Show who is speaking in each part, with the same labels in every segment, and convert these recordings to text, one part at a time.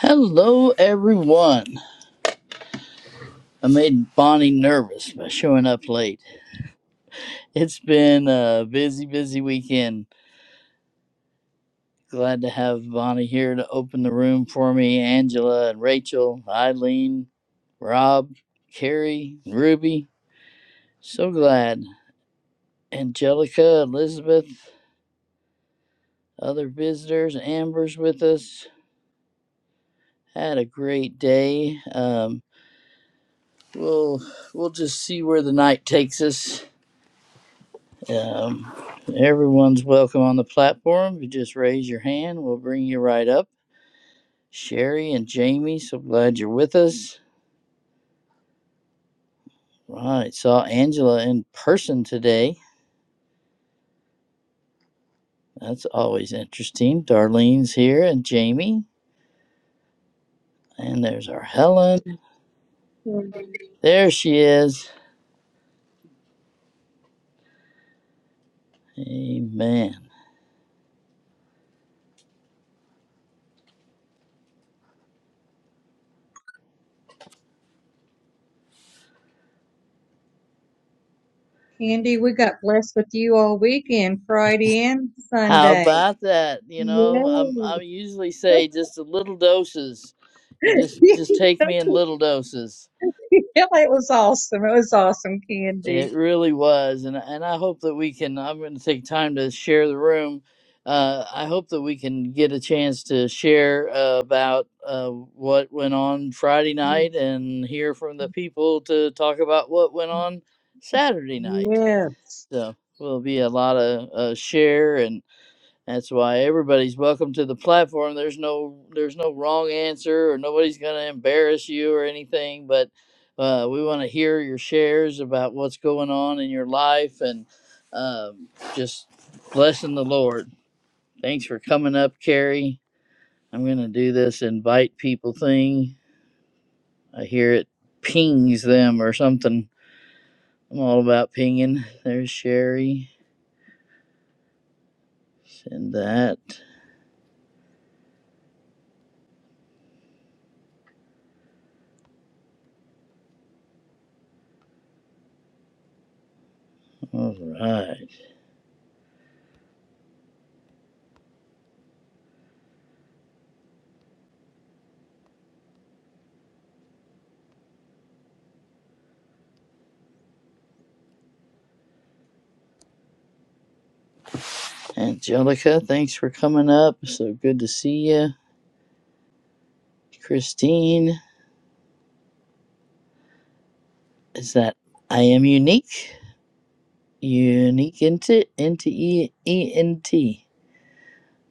Speaker 1: Hello, everyone. I made Bonnie nervous by showing up late. It's been a busy, busy weekend. Glad to have Bonnie here to open the room for me. Angela and Rachel, Eileen, Rob, Carrie, Ruby. So glad. Angelica, Elizabeth, other visitors. Amber's with us. Had a great day. Um, we'll we'll just see where the night takes us. Um, everyone's welcome on the platform. If you just raise your hand, we'll bring you right up. Sherry and Jamie, so glad you're with us. Right, saw Angela in person today. That's always interesting. Darlene's here and Jamie. And there's our Helen.
Speaker 2: Candy.
Speaker 1: There she is. Amen.
Speaker 2: Candy, we got blessed with you all weekend, Friday and
Speaker 1: How
Speaker 2: Sunday.
Speaker 1: about that? You know, um,
Speaker 2: Yay.
Speaker 1: I usually say just the little doses. You just just take me in little doses
Speaker 2: Yeah, it was awesome. It was awesome, Candy.
Speaker 1: It really was, and and I hope that we can. I'm going to take time to share the room. Uh, I hope that we can get a chance to share uh, about uh, what went on Friday night and hear from the people to talk about what went on Saturday night.
Speaker 2: Yes.
Speaker 1: So will be a lot of uh, share and that's why everybody's welcome to the platform. There's no there's no wrong answer or nobody's going to embarrass you or anything, but uh, we want to hear your shares about what's going on in your life and um, just blessing the Lord. Thanks for coming up, Carrie. I'm going to do this invite people thing. I hear it pings them or something. I'm all about pinging. There's Sherry. Send that. All right. Angelica, thanks for coming up. So good to see you. Christine, is that I am unique? Unique into into E E N T.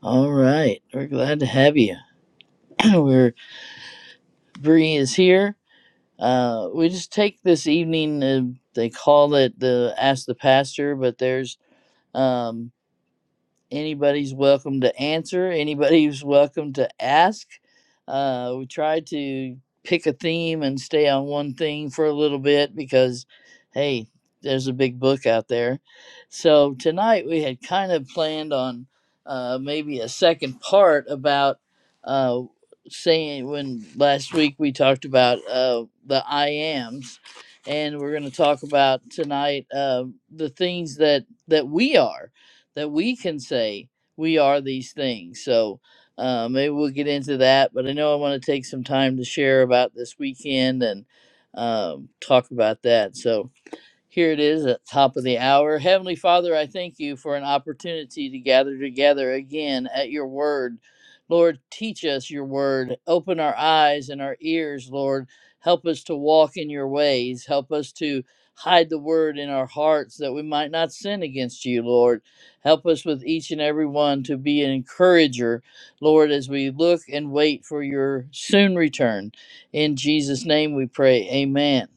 Speaker 1: All right, we're glad to have you. we're Bree is here. Uh, we just take this evening. Uh, they call it the Ask the Pastor, but there's um, anybody's welcome to answer anybody's welcome to ask uh, we try to pick a theme and stay on one thing for a little bit because hey there's a big book out there so tonight we had kind of planned on uh, maybe a second part about uh, saying when last week we talked about uh, the i ams and we're going to talk about tonight uh, the things that that we are that we can say we are these things. So uh, maybe we'll get into that. But I know I want to take some time to share about this weekend and um, talk about that. So here it is at the top of the hour. Heavenly Father, I thank you for an opportunity to gather together again at your word. Lord, teach us your word. Open our eyes and our ears, Lord. Help us to walk in your ways. Help us to hide the word in our hearts that we might not sin against you, Lord. Help us with each and every one to be an encourager, Lord, as we look and wait for your soon return. In Jesus' name we pray. Amen.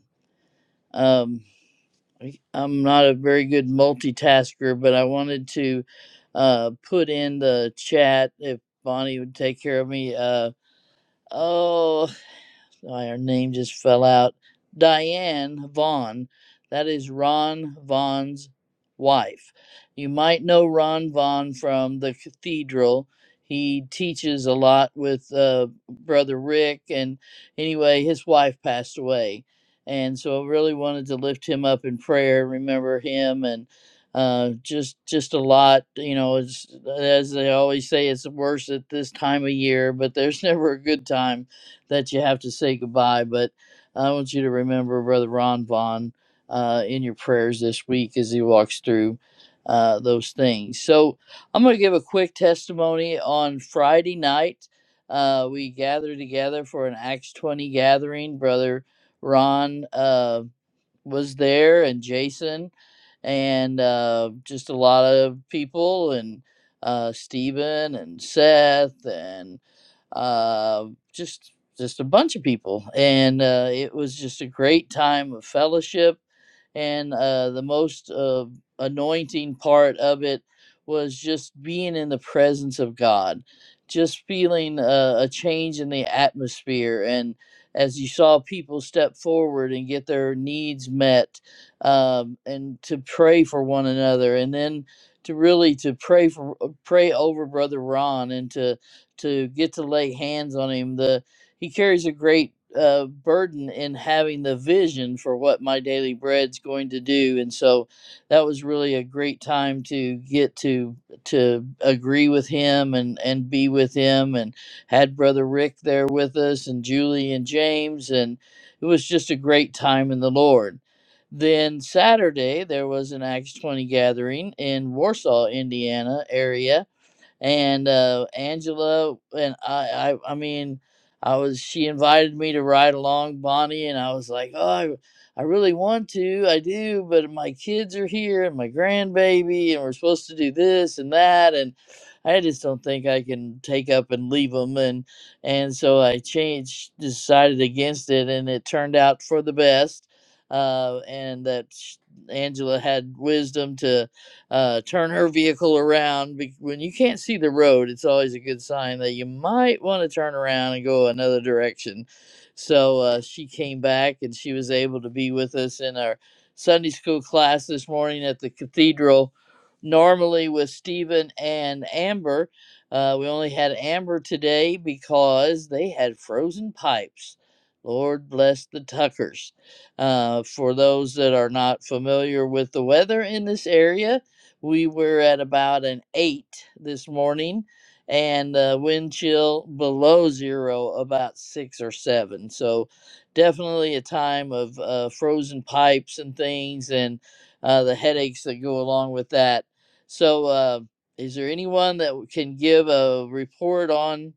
Speaker 1: Um, I'm not a very good multitasker, but I wanted to uh, put in the chat if Bonnie would take care of me. Uh, oh, oh, her name just fell out. Diane Vaughn. That is Ron Vaughn's wife. You might know Ron Vaughn from the cathedral. He teaches a lot with uh, Brother Rick. And anyway, his wife passed away. And so I really wanted to lift him up in prayer, remember him, and uh, just just a lot. You know, it's, as they always say, it's worse at this time of year, but there's never a good time that you have to say goodbye, but I want you to remember Brother Ron Vaughn uh, in your prayers this week as he walks through uh, those things. So I'm going to give a quick testimony on Friday night. Uh, we gathered together for an Acts 20 gathering. Brother Ron uh, was there and Jason and uh, just a lot of people and uh, Stephen and Seth and uh, just just a bunch of people, and uh, it was just a great time of fellowship. And uh, the most uh, anointing part of it was just being in the presence of God, just feeling uh, a change in the atmosphere, and as you saw people step forward and get their needs met, um, and to pray for one another, and then to really to pray for uh, pray over Brother Ron and to to get to lay hands on him. The he carries a great uh, burden in having the vision for what my daily bread's going to do, and so that was really a great time to get to to agree with him and and be with him, and had brother Rick there with us, and Julie and James, and it was just a great time in the Lord. Then Saturday there was an Acts 20 gathering in Warsaw, Indiana area and uh, Angela and I, I I mean I was she invited me to ride along Bonnie and I was like oh I, I really want to I do but my kids are here and my grandbaby and we're supposed to do this and that and I just don't think I can take up and leave them and and so I changed decided against it and it turned out for the best uh, and that sh- Angela had wisdom to uh, turn her vehicle around. When you can't see the road, it's always a good sign that you might want to turn around and go another direction. So uh, she came back and she was able to be with us in our Sunday school class this morning at the cathedral. Normally with Stephen and Amber, uh, we only had Amber today because they had frozen pipes. Lord bless the Tuckers. Uh, for those that are not familiar with the weather in this area, we were at about an eight this morning and uh, wind chill below zero about six or seven so definitely a time of uh, frozen pipes and things and uh, the headaches that go along with that so uh, is there anyone that can give a report on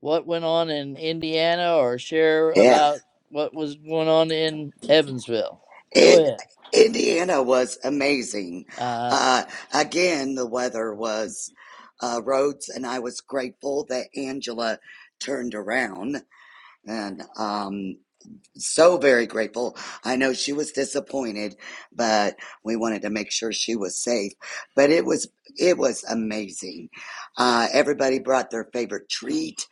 Speaker 1: what went on in indiana or share
Speaker 3: Yeah,
Speaker 1: about what was going on in evansville go
Speaker 3: it
Speaker 1: ahead
Speaker 3: Indiana was amazing.
Speaker 1: uh,
Speaker 3: Uh, again, the weather was uh, roads, and I was grateful that Angela turned around, and um, so very grateful. I know she was disappointed, but we wanted to make sure she was safe. But it was it was amazing. Uh, everybody brought their favorite treat.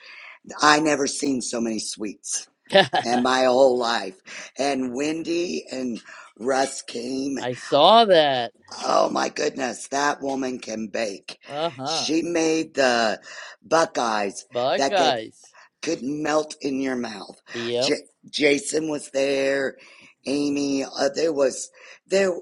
Speaker 3: I never seen so many sweets and my whole life. And Wendy and Russ came.
Speaker 1: i saw that
Speaker 3: Oh my goodness, that woman can bake.
Speaker 1: Uh huh.
Speaker 3: She made the buckeyes that could,
Speaker 1: Buckeyes.
Speaker 3: could melt in your mouth.
Speaker 1: Yep.
Speaker 3: J- Jason was there. Amy, uh, there was there.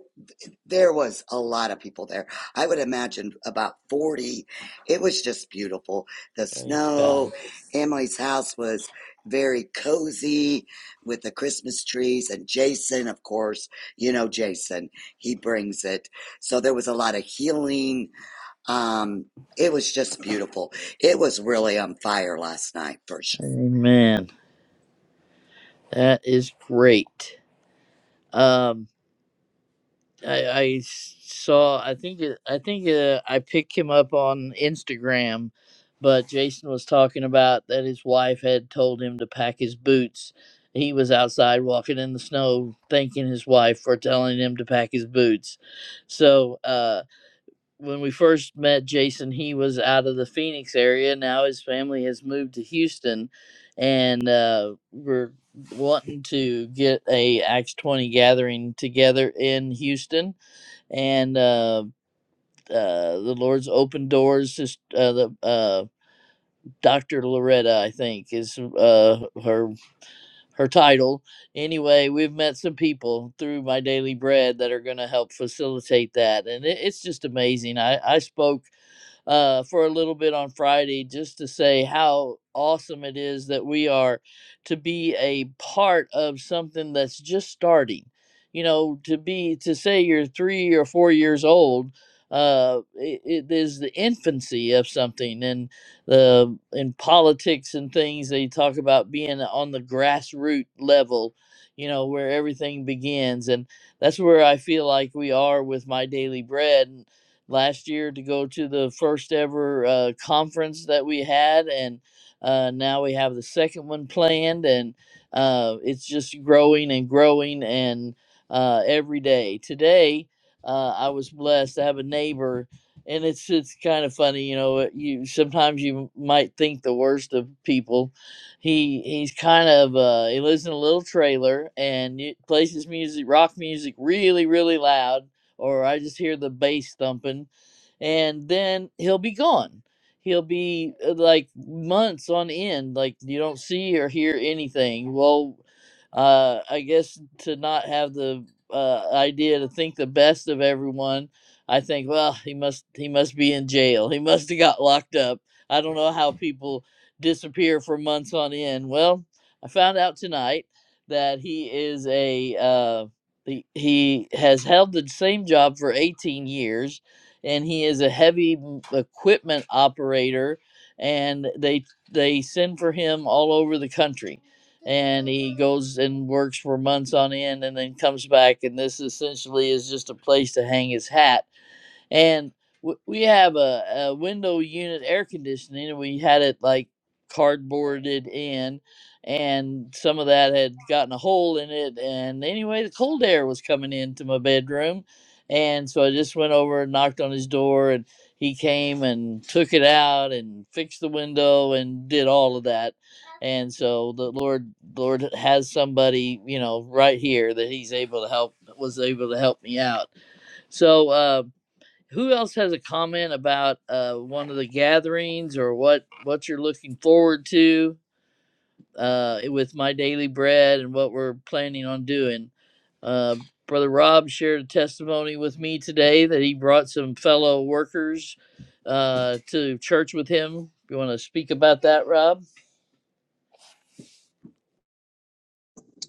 Speaker 3: There was a lot of people there. I would imagine about 40. It was just beautiful. The
Speaker 1: Praise
Speaker 3: snow.
Speaker 1: God.
Speaker 3: Emily's house was very cozy with the Christmas trees. And Jason, of course, you know Jason, he brings it. So there was a lot of healing. Um, it was just beautiful. It was really on fire last night for sure.
Speaker 1: Amen. That is great. Um, I I saw. I think. it- I think uh, I picked him up on Instagram, but Jason was talking about that his wife had told him to pack his boots. He was outside walking in the snow, thanking his wife for telling him to pack his boots. So. uh. when we first met Jason, he was out of the Phoenix area. Now his family has moved to Houston, and uh, we're wanting to get a Acts twenty gathering together in Houston. And uh, uh, the Lord's open doors. Is, uh, the uh, Doctor Loretta, I think, is uh, her her title. Anyway, we've met some people through my daily bread that are going to help facilitate that, and it, it's just amazing. I I spoke uh, for a little bit on Friday just to say how awesome it is that we are to be a part of something that's just starting. You know, to be to say you're three or four years old, uh, it, it is the infancy of something, and the in politics and things they talk about being on the grassroots level, you know, where everything begins, and that's where I feel like we are with my daily bread last year to go to the first ever uh, conference that we had, and uh, now we have the second one planned, and uh, it's just growing and growing and uh, every day. Today, uh, I was blessed to have a neighbor, and it's it's kind of funny, you know. it- You sometimes you might think the worst of people. He he's kind of uh, he lives in a little trailer and it plays his music, rock music, really really loud or I just hear the bass thumping, and then he'll be gone. He'll be uh, like months on end, like you don't see or hear anything. Well, uh, I guess to not have the uh, idea to think the best of everyone, I think, well, he must he must be in jail. He must have got locked up. I don't know how people disappear for months on end. Well, I found out tonight that he is a uh, he, he has held the same job for 18 years and he is a heavy equipment operator and they they send for him all over the country and he goes and works for months on end and then comes back and this essentially is just a place to hang his hat and w- we have a, a window unit air conditioning and we had it like cardboarded in and some of that had gotten a hole in it and anyway the cold air was coming into my bedroom and so i just went over and knocked on his door and he came and took it out and fixed the window and did all of that and so the lord lord has somebody you know right here that he's able to help was able to help me out so Uh, who else has a comment about uh, one of the gatherings or what what you're looking forward to uh, with my daily bread and what we're planning on doing? Uh, Brother Rob shared a testimony with me today that he brought some fellow workers uh, to church with him. You want to speak about that, Rob?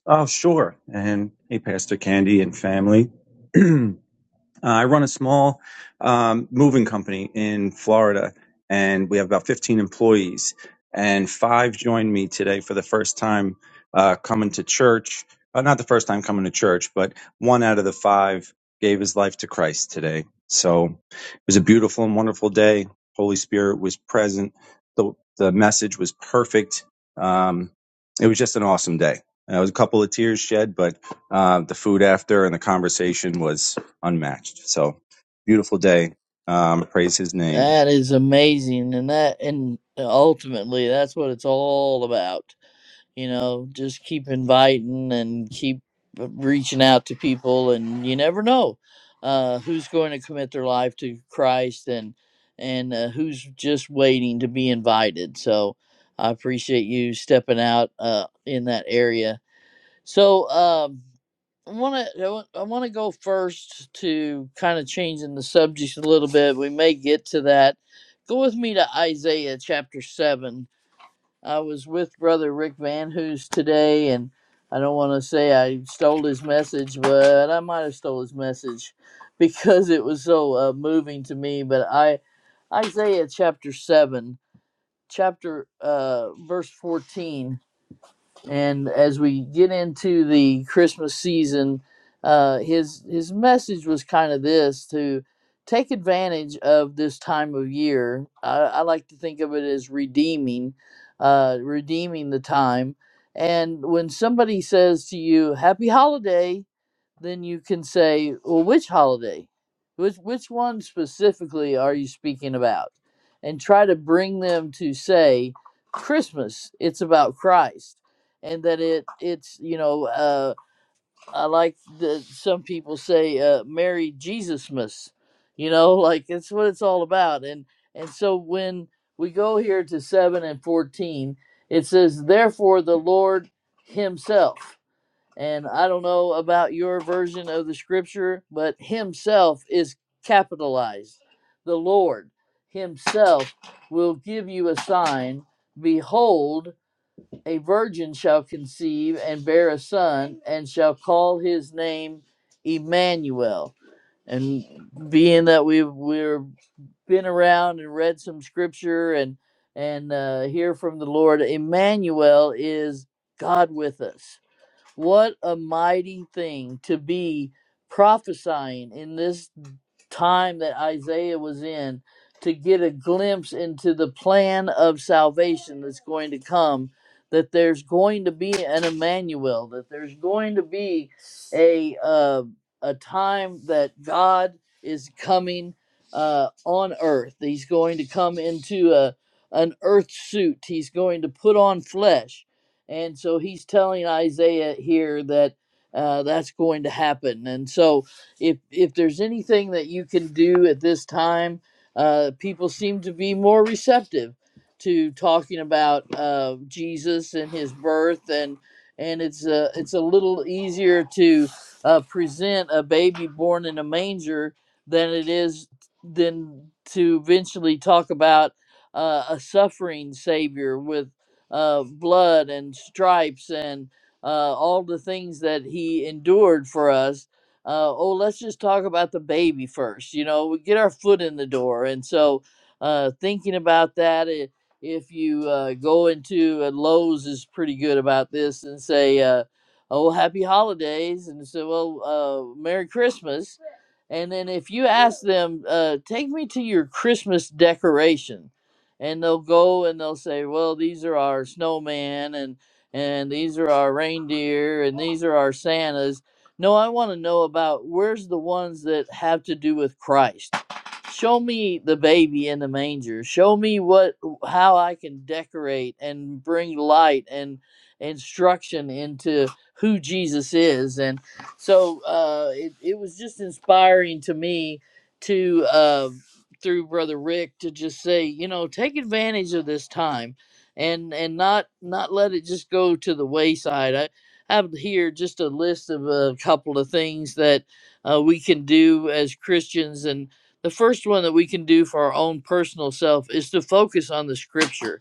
Speaker 4: Oh, sure. And hey, Pastor Candy and family. Uh, I run a small um, moving company in Florida, and we have about 15 employees. And five joined me today for the first time uh, coming to church. Uh, not the first time coming to church, but one out of the five gave his life to Christ today. So it was a beautiful and wonderful day. Holy Spirit was present. The, the message was perfect. Um, it was just an awesome day. Uh, There was a couple of tears shed, but uh, the food after and the conversation was unmatched. So beautiful day. Um, praise his name.
Speaker 1: That is amazing, and that and ultimately that's what it's all about. you know just keep inviting and keep uh, reaching out to people and you never know uh, who's going to commit their life to christ and and uh, who's just waiting to be invited so i appreciate you stepping out uh, in that area so um, i want to i want to go first to kind of changing the subject a little bit we may get to that go with me to isaiah chapter 7 I was with Brother Rick Van Hoos today, and I don't want to say I stole his message, but I might have stole his message because it was so uh, moving to me. But I, Isaiah chapter seven, chapter uh, verse fourteen and as we get into the Christmas season, uh, his his message was kind of this to take advantage of this time of year. I, I like to think of it as redeeming, uh, redeeming the time. And when somebody says to you, "Happy Holiday," then you can say, well, which holiday? Which, which one specifically are you speaking about? And try to bring them to say, Christmas, it's about Christ. And that it it's you know uh, I like that some people say uh, Merry Jesusmas, you know like it's what it's all about and and so when we go here to seven and fourteen it says therefore the Lord Himself and I don't know about your version of the scripture, but Himself is capitalized. The Lord Himself will give you a sign. Behold, a virgin shall conceive and bear a son, and shall call his name Emmanuel. And being that we've we've been around and read some scripture and and uh, hear from the Lord, Emmanuel is God with us what a mighty thing to be prophesying in this time that Isaiah was in to get a glimpse into the plan of salvation that's going to come. That there's going to be an Emmanuel, that there's going to be a uh, a time that God is coming uh, on earth. He's going to come into a an earth suit. He's going to put on flesh and so he's telling Isaiah here that uh, that's going to happen. And so if if there's anything that you can do at this time, uh, people seem to be more receptive to talking about uh, Jesus and his birth and and it's a, it's a little easier to uh, present a baby born in a manger than it is than to eventually talk about uh, a suffering savior with uh, blood and stripes and uh, all the things that he endured for us. Uh, oh, let's just talk about the baby first. You know, we get our foot in the door. And so, uh, thinking about that, i- if you uh, go into uh, Lowe's is pretty good about this and say, uh, "Oh, happy holidays," and say, "Well, uh, Merry Christmas." And then if you ask them, uh, "Take me to your Christmas decorations." and they'll go and they'll say, "Well, these are our snowman and and these are our reindeer and these are our Santas." No, I want to know about where's the ones that have to do with Christ. Show me the baby in the manger. Show me what how I can decorate and bring light and instruction into who Jesus is. And so uh, it it was just inspiring to me to. Uh, through brother Rick to just say, you know, take advantage of this time and and not not let it just go to the wayside. I have here just a list of a couple of things that uh, we can do as Christians and the first one that we can do for our own personal self is to focus on the scripture.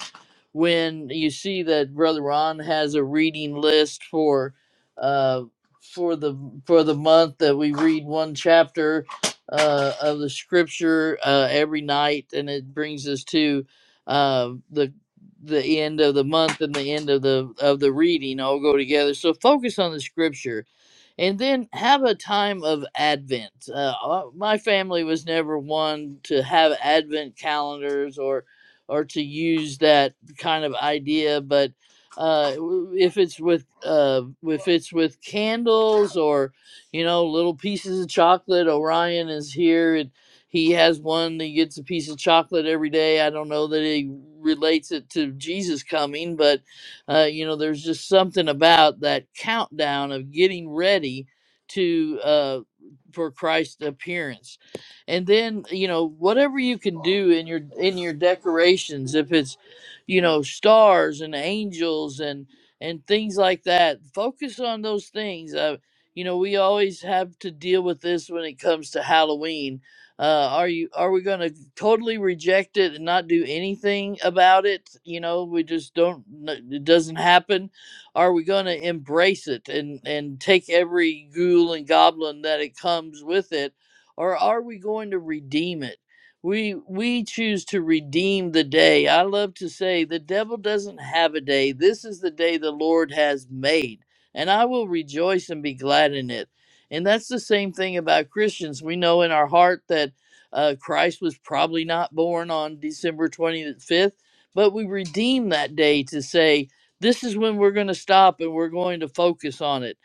Speaker 1: When you see that brother Ron has a reading list for uh for the for the month that we read one chapter uh, of the scripture uh, every night, and it brings us to uh, the the end of the month and the end of the of the reading all go together. So focus on the scripture and then have a time of Advent. Uh, uh, my family was never one to have Advent calendars or or to use that kind of idea, but uh, w- if it's with uh, if it's with candles or you know little pieces of chocolate, Orion is here and he has one. He gets a piece of chocolate every day. I don't know that he relates it to Jesus coming, but uh, you know, there's just something about that countdown of getting ready to uh, for Christ's appearance, and then you know whatever you can do in your in your decorations, if it's you know stars and angels and and things like that, focus on those things. Uh, you know, we always have to deal with this when it comes to Halloween uh, are you are we going to totally reject it and not do anything about it you know we just don't n- it doesn't happen are we going to embrace it and and take every ghoul and goblin that it comes with it or are we going to redeem it we we choose to redeem the day i love to say the devil doesn't have a day this is the day the lord has made and i will rejoice and be glad in it and that's the same thing about Christians. We know in our heart that uh, Christ was probably not born on December 25th, but we redeem that day to say, this is when we're going to stop and we're going to focus on it.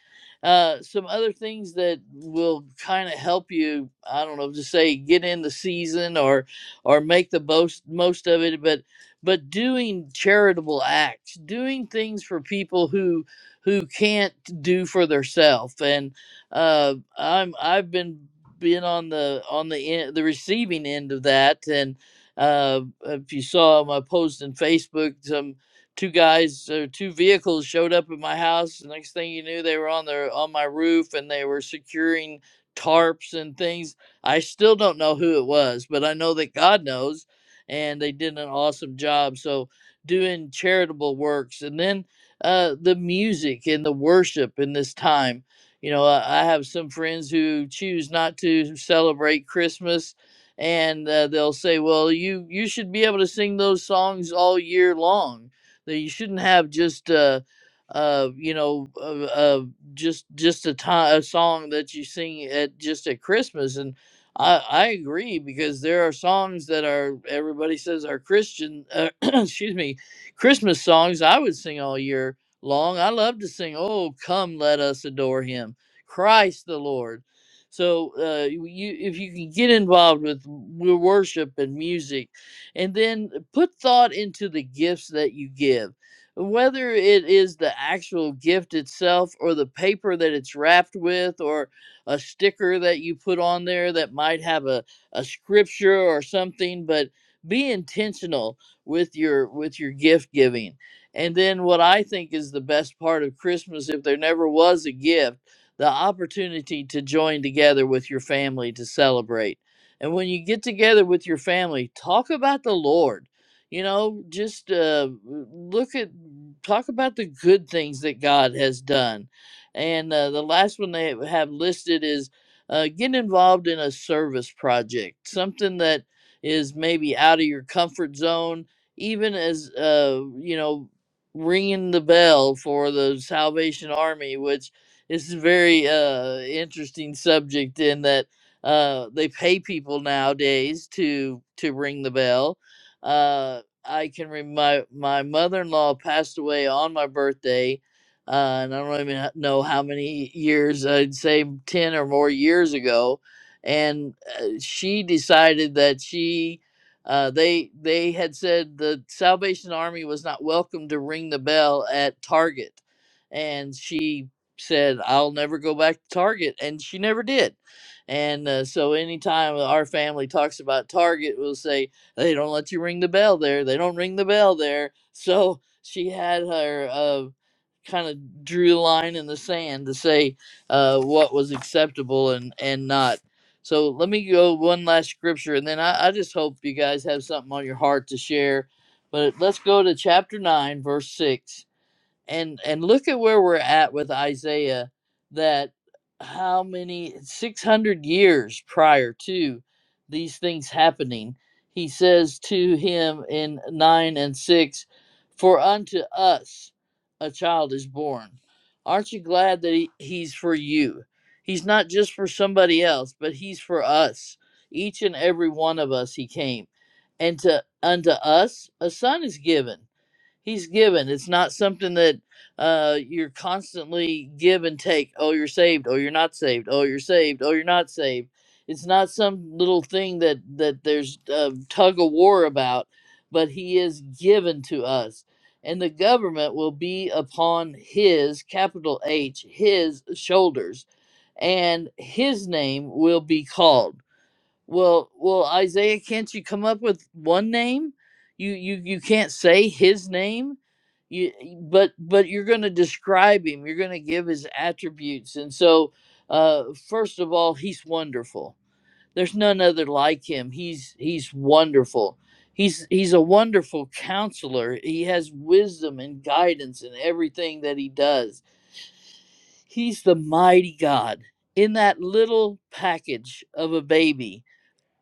Speaker 1: Uh, some other things that will kind of help you, I don't know, to say get in the season or or make the most most of it, but but doing charitable acts, doing things for people who who can't do for themselves and uh, I'm I've been been on the on the end, the receiving end of that, and uh, if you saw my post in Facebook, some two guys or two vehicles showed up at my house. The next thing you knew, they were on their on my roof and they were securing tarps and things. I still don't know who it was, but I know that God knows, and they did an awesome job. So doing charitable works, and then uh, the music and the worship in this time. You know, I, I have some friends who choose not to celebrate Christmas, and uh, they'll say, "Well, you you should be able to sing those songs all year long. That you shouldn't have just." Uh, uh, you know, uh, uh, just just a time a song that you sing at just at Christmas, and I, I agree because there are songs that are everybody says are Christian, uh, excuse me, Christmas songs I would sing all year long. I love to sing, "Oh, come, let us adore Him, Christ the Lord." So, uh, you you- if you can get involved with w- worship and music, and then put thought into the gifts that you give, whether it is the actual gift itself, or the paper that it's wrapped with, or a sticker that you put on there that might have a, a scripture or something, but be intentional with your with your gift giving and then what I think is the best part of Christmas, if there never was a gift, the opportunity to join together with your family to celebrate. And when you get together with your family, talk about the Lord. You know, just uh, look at, talk about the good things that God has done. And uh, the last one they have listed is uh, get involved in a service project, something that is maybe out of your comfort zone even as uh you know ringing the bell for the Salvation Army, which is a very uh, interesting subject in that uh, they pay people nowadays to to ring the bell. Uh, I can rem my my mother in law passed away on my birthday, uh, and I don't even ha- know how many years I'd say ten or more years ago, and uh, she decided that she uh, they they had said the Salvation Army was not welcome to ring the bell at Target, and she said, "I'll never go back to Target," and she never did. And uh, so, anytime our family talks about Target, we'll say they don't let you ring the bell there. They don't ring the bell there. So she had her uh, kind of drew a line in the sand to say uh, what was acceptable and and not. So let me go one last scripture, and then I, I just hope you guys have something on your heart to share. But let's go to chapter 9, verse 6 and and look at where we're at with Isaiah that how many 600 years prior to these things happening he says to him in 9 and 6 for unto us a child is born aren't you glad that he, he's for you he's not just for somebody else but he's for us each and every one of us he came and to unto us a son is given He's given. It's not something that uh, you're constantly give and take. Oh, you're saved. Oh, you're not saved. Oh, you're saved. Oh, you're not saved. It's not some little thing that that there's a tug of war about, but he is given to us, and the government will be upon his capital H his shoulders, and his name will be called. Well, well, Isaiah, can't you come up with one name? You you you can't say his name. You but but you're going to describe him. You're going to give his attributes. And so, uh, first of all, he's wonderful. There's none other like him. He's he's wonderful. He's he's a wonderful counselor. He has wisdom and guidance in everything that he does. He's the mighty God in that little package of a baby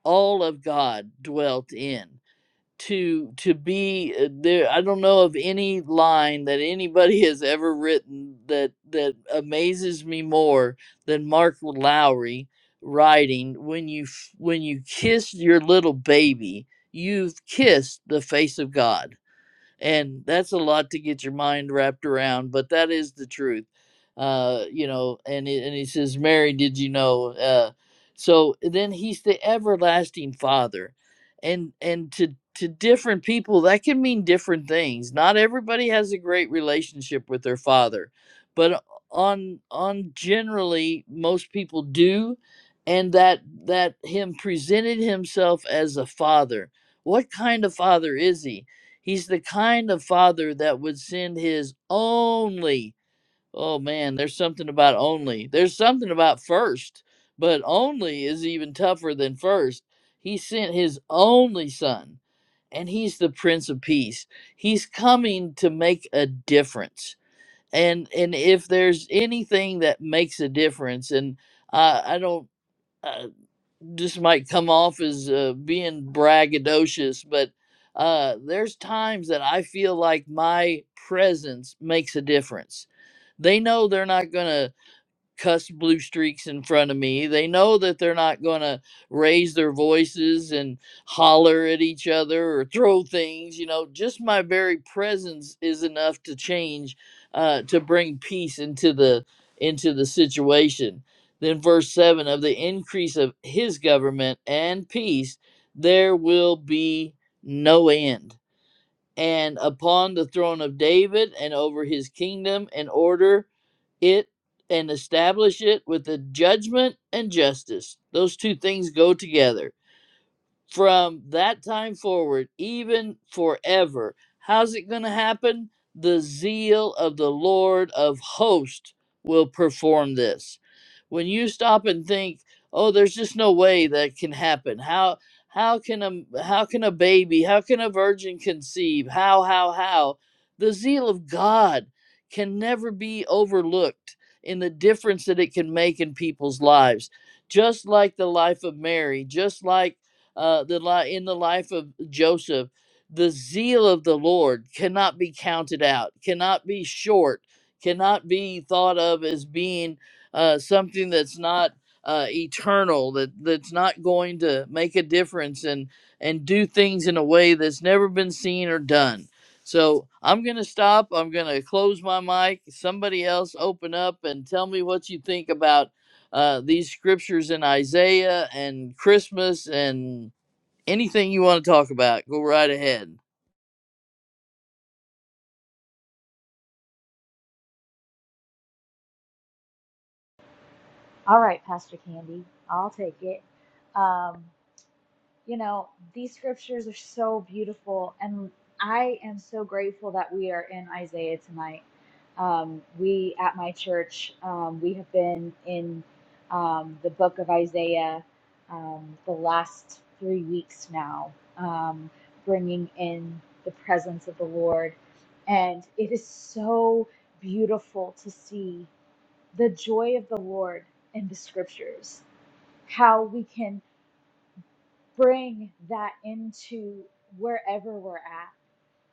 Speaker 1: all of God dwelt in. To to be uh, there, I don't know of any line that anybody has ever written that that amazes me more than Mark Lowry writing. When you f- when you kissed your little baby, you've kissed the face of God and that's a lot to get your mind wrapped around but that is the truth uh you know and he, and he says mary did you know uh so then he's the everlasting father and and to to different people that can mean different things not everybody has a great relationship with their father but on on generally most people do and that that him presented himself as a father what kind of father is he He's the kind of father that would send his only. Oh man, there's something about only. There's something about first, but only is even tougher than first. He sent his only son, and he's the prince of peace. He's coming to make a difference. And and if there's anything that makes a difference and I I don't uh, this might come off as uh, being braggadocious, but uh, there's times that I feel like my presence makes a difference. They know they're not going to cuss blue streaks in front of me. They know that they're not going to raise their voices and holler at each other or throw things. You know, just my very presence is enough to change, uh, to bring peace into the into the situation. Then verse seven of the increase of his government and peace, there will be no end. And upon the throne of David and over his kingdom in order it and establish it with the judgment and justice. Those two things go together from that time forward, even forever. How's it going to happen? The zeal of the Lord of hosts will perform this. When you stop and think, oh, there's just no way that can happen. How how can a how can a baby, how can a virgin conceive? How how how? The zeal of God can never be overlooked in the difference that it can make in people's lives. Just like the life of Mary, just like uh, the li- in the life of Joseph, the zeal of the Lord cannot be counted out, cannot be short, cannot be thought of as being uh, something that's not uh, eternal, that that's not going to make a difference and and do things in a way that's never been seen or done. So I'm gonna stop. I'm gonna close my mic. Somebody else open up and tell me what you think about uh, these scriptures in Isaiah and Christmas and Anything you want to talk about, go right ahead.
Speaker 5: All right, Pastor Candy, I'll take it. Um, you know, these scriptures are so beautiful, and I am so grateful that we are in Isaiah tonight. Um, we at my church, um, we have been in um, the book of Isaiah um, the last three weeks now, um, bringing in the presence of the Lord. And it is so beautiful to see the joy of the Lord in the scriptures, how we can bring that into wherever we're at,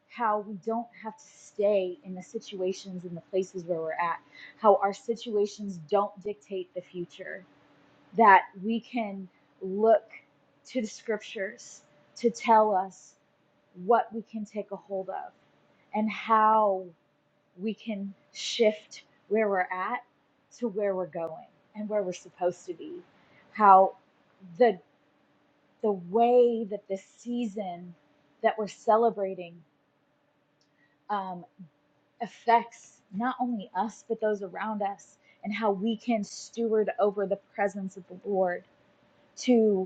Speaker 5: how we don't have to stay in the situations and the places where we're at, how our situations don't dictate the future, that we can look to the scriptures to tell us what we can take a hold of and how we can shift where we're at to where we're going and where we're supposed to be how the the way that this season that we're celebrating um, affects not only us but those around us and how we can steward over the presence of the lord to.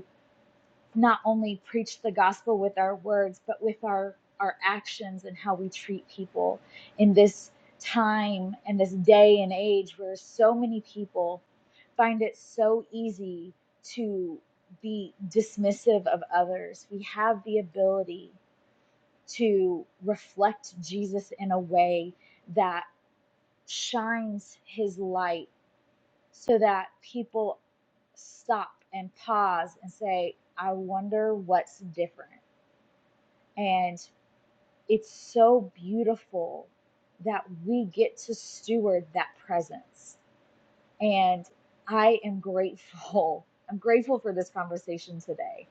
Speaker 5: not only preach the gospel with our words, but with our, our actions and how we treat people in this time and this day and age where so many people find it so easy to be dismissive of others. We have the ability to reflect Jesus in a way that shines his light so that people stop and pause and say, I wonder what's different. And it's so beautiful that we get to steward that presence. And I am grateful. I'm grateful for this conversation today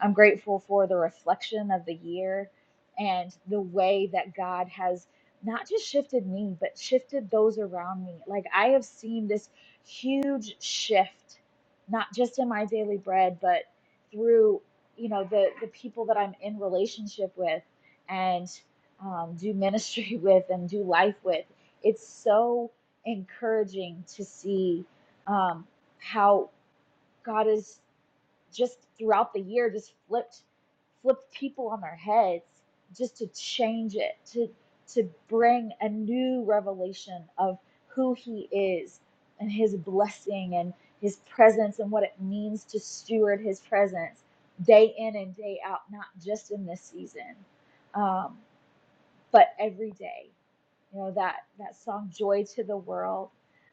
Speaker 5: I'm grateful for the reflection of the year and the way that God has not just shifted me, but shifted those around me. Like I have seen this huge shift, not just in my daily bread, but through you know the the people that I'm in relationship with and um, do ministry with and do life with. It's so encouraging to see um, how God is just throughout the year just flipped flipped people on their heads just to change it to to bring a new revelation of who he is and his blessing and his presence and what it means to steward his presence day in and day out not just in this season Um, but every day you know that that song joy to the world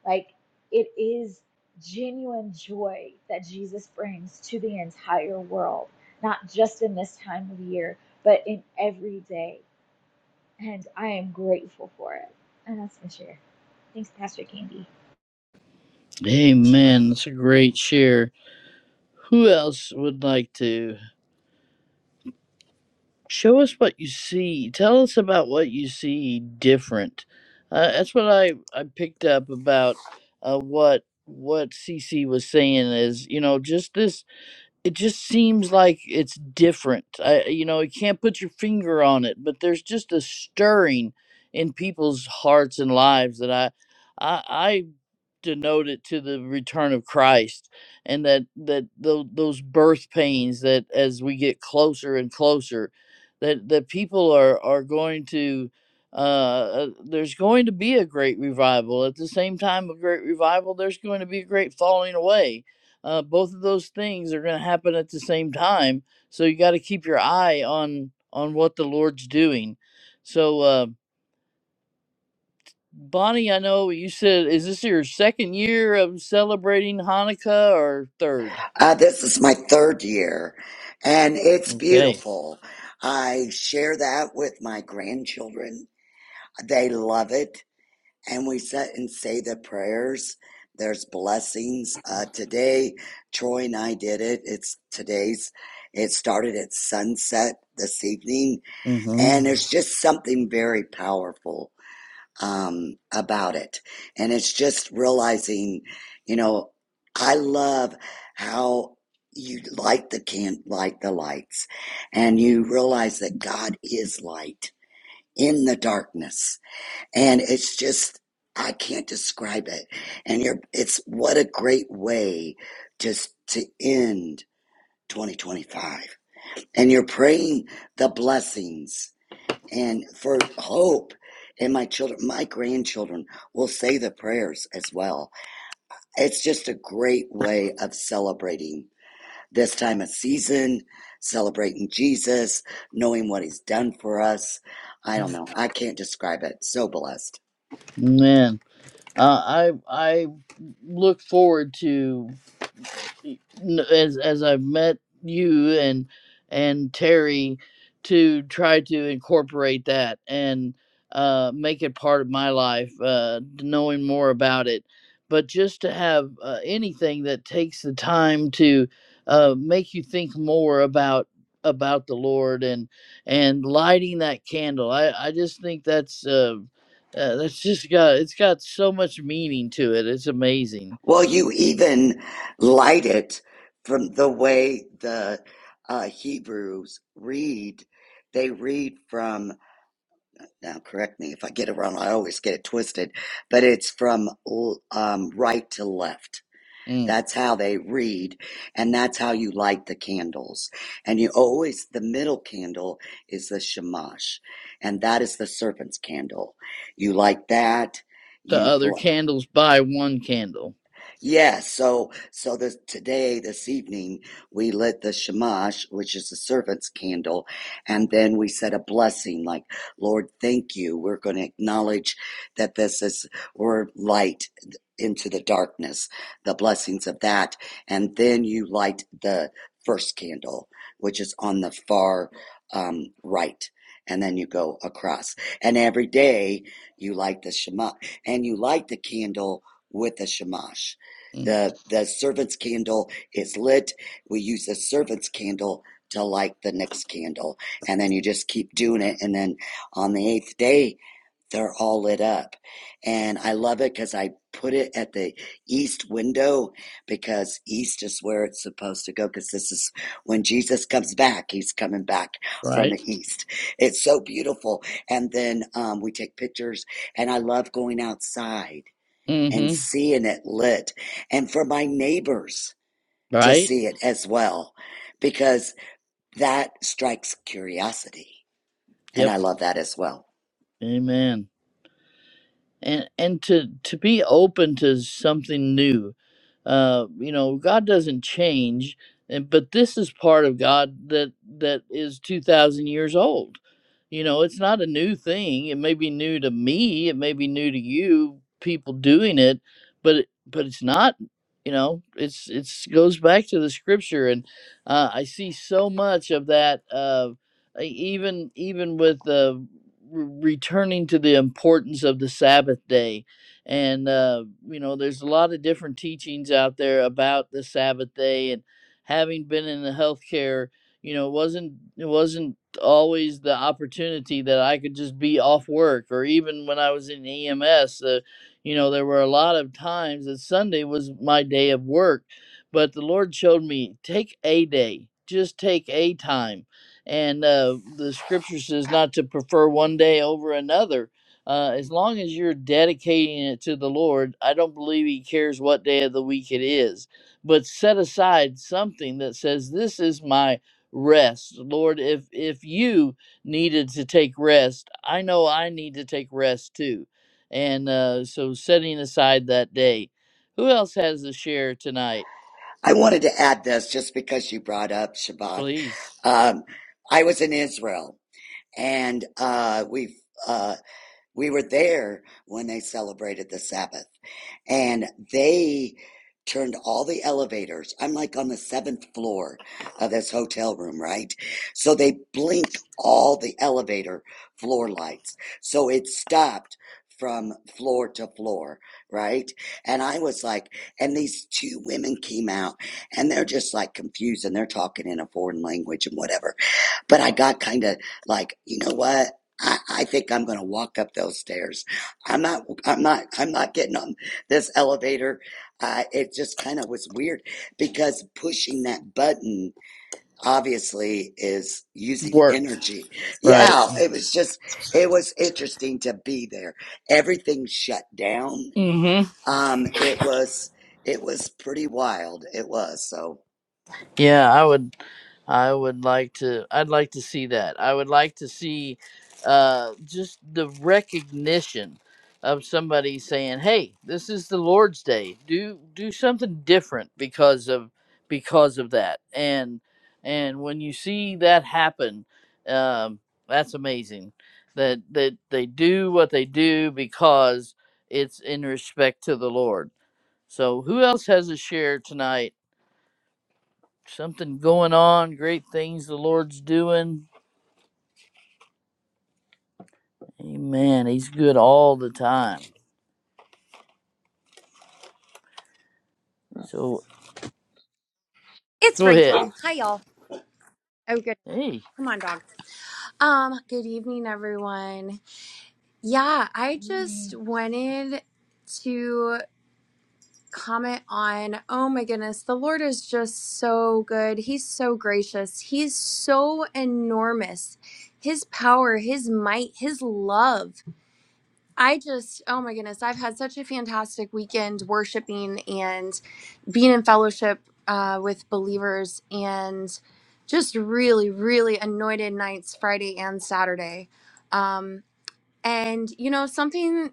Speaker 5: like it is genuine joy that jesus brings to the entire world not just in this time of year but in every day and i am grateful for it and that's my share thanks pastor candy
Speaker 1: Amen. That's a great share. Who else would like to show us what you see? Tell us about what you see different. Uh, that's what I, I picked up about uh, what what CC was saying is you know just this it just seems like it's different. I, you know, you can't put your finger on it, but there's just a stirring in people's hearts and lives that I, I, I denote it to the return of Christ, and that that tho- those birth pains that as we get closer and closer, that that people are are going to. Uh, uh, there's going to be a great revival. At the same time, a great revival, there's going to be a great falling away uh, both of those things are going to happen at the same time so you got to keep your eye on on what the lord's doing so uh, bonnie i know you said is this your second year of celebrating hanukkah or third
Speaker 3: Uh, this is my third year, and it's
Speaker 1: okay
Speaker 3: beautiful. I share that with my grandchildren. They love it, and we sit and say the prayers. There's blessings. Uh, today, Troy and I did it. It's today's. It started at sunset this evening,
Speaker 1: mm-hmm
Speaker 3: And there's just something very powerful um, about it. And it's just realizing, you know, I love how you light the can light the lights and you realize that God is light in the darkness. And it's just I can't describe it. And you're it's what a great way just to end 2025. And you're praying the blessings and for hope and my children my grandchildren will say the prayers as well it's just a great way of celebrating this time of season celebrating jesus knowing what he's done for us i don't know i can't describe it so blessed
Speaker 1: man uh, i i look forward to y- n- as as I've met you and and Terry to try to incorporate that and uh, make it part of my life, uh, knowing more about it. But just to have uh, anything that takes the time to uh, make you think more about about the Lord and and lighting that candle, I I just think that's. Uh, uh, that's just got it's got so much meaning to it. It's amazing.
Speaker 3: well you even light it from the way the uh, hebrews read they read from now correct me if I get it wrong. I always get it twisted, but it's from l- um, right to left.
Speaker 1: Mm.
Speaker 3: That's how they read, and that's how you light the candles. And you always, the middle candle is the shamash, and that is the serpent's candle. You light that,
Speaker 1: the
Speaker 3: you
Speaker 1: other
Speaker 3: bl-
Speaker 1: candles by one candle.
Speaker 3: yeah, so so this today, this evening, we lit the shamash, which is the servant's candle, and then we said a blessing like, Lord, thank you. We're going to acknowledge that this is we're light into the darkness, the blessings of that, and then you light the first candle, which is on the far um, right. And then you go across. And every day you light the shamash and you light the candle with the shamash
Speaker 1: Mm,
Speaker 3: the the servant's candle is lit we use the servant's candle to light the next candle and then you just keep doing it and then on the eighth day they're all lit up and i love it because i put it at the east window because east is where it's supposed to go because this is when jesus comes back he's coming back from the
Speaker 1: right?
Speaker 3: east it's so beautiful and then um, we take pictures and i love going outside and
Speaker 1: Mm-hmm.
Speaker 3: seeing it lit and for my neighbors to
Speaker 1: Right?
Speaker 3: see it as well because that strikes curiosity and
Speaker 1: Yep.
Speaker 3: i love that as well
Speaker 1: Amen. And and to to be open to something new. Uh, you know, God doesn't change, and but this is part of God that that is two thousand years old You know, it's not a new thing. It may be new to me, it may be new to you, people doing it, but it- but it's not, you know, it's it's goes back to the scripture and uh, I see so much of that uh e- even even with uh, re- returning to the importance of the Sabbath day and uh you know, there's a lot of different teachings out there about the Sabbath day and having been in the healthcare you know it wasn't it wasn't always the opportunity that I could just be off work or even when I was in EMS uh, you know there were a lot of times that Sunday was my day of work but the Lord showed me take a day just take a time and uh, the scripture says not to prefer one day over another uh, as long as you're dedicating it to the Lord I don't believe he cares what day of the week it is but set aside something that says this is my rest lord if if you needed to take rest i know i need to take rest too and uh so setting aside that day who else has a share tonight
Speaker 3: i wanted to add this just because you brought up Shabbat.
Speaker 1: please
Speaker 3: um, i was in israel and uh, we uh, We were there when they celebrated the Sabbath and they turned all the elevators. I'm like on the seventh floor of this hotel room, right? So they blinked all the elevator floor lights. So it stopped from floor to floor, right? And I was like, and these two women came out and they're just like confused and they're talking in a foreign language and whatever but I got kind of like, you know what? I, I think I'm going to walk up those stairs. I'm not, I'm not, I'm not getting on this elevator. Uh, it just kind of was weird because pushing that button obviously is using
Speaker 1: Work.
Speaker 3: energy.
Speaker 1: right
Speaker 3: Yeah. It was just, it was interesting to be there. Everything shut down.
Speaker 1: mm-hmm
Speaker 3: Um, it was, it was pretty wild. It was. So
Speaker 1: yeah i would I would like to. I'd like to see that. I would like to see uh, just the recognition of somebody saying, "Hey, this is the Lord's Day. Do do something different because of because of that." And and when you see that happen, um, that's amazing. That that they do what they do because it's in respect to the Lord. So, who else has a share tonight? something going on, great things the Lord's doing. Amen. He's good all the time. So
Speaker 6: It's
Speaker 1: go ahead.
Speaker 6: Rachel. Hi, y'all. Oh, good.
Speaker 1: Hey.
Speaker 6: Come on, dog. Um, good evening, everyone. Yeah, I just wanted to comment on oh my goodness, the Lord is just so good. He's so gracious. He's so enormous. His power, his might, his love. I just, oh my goodness, I've had such a fantastic weekend worshiping and being in fellowship uh, with believers and just really, really anointed nights Friday and Saturday. Um, and, you know, something,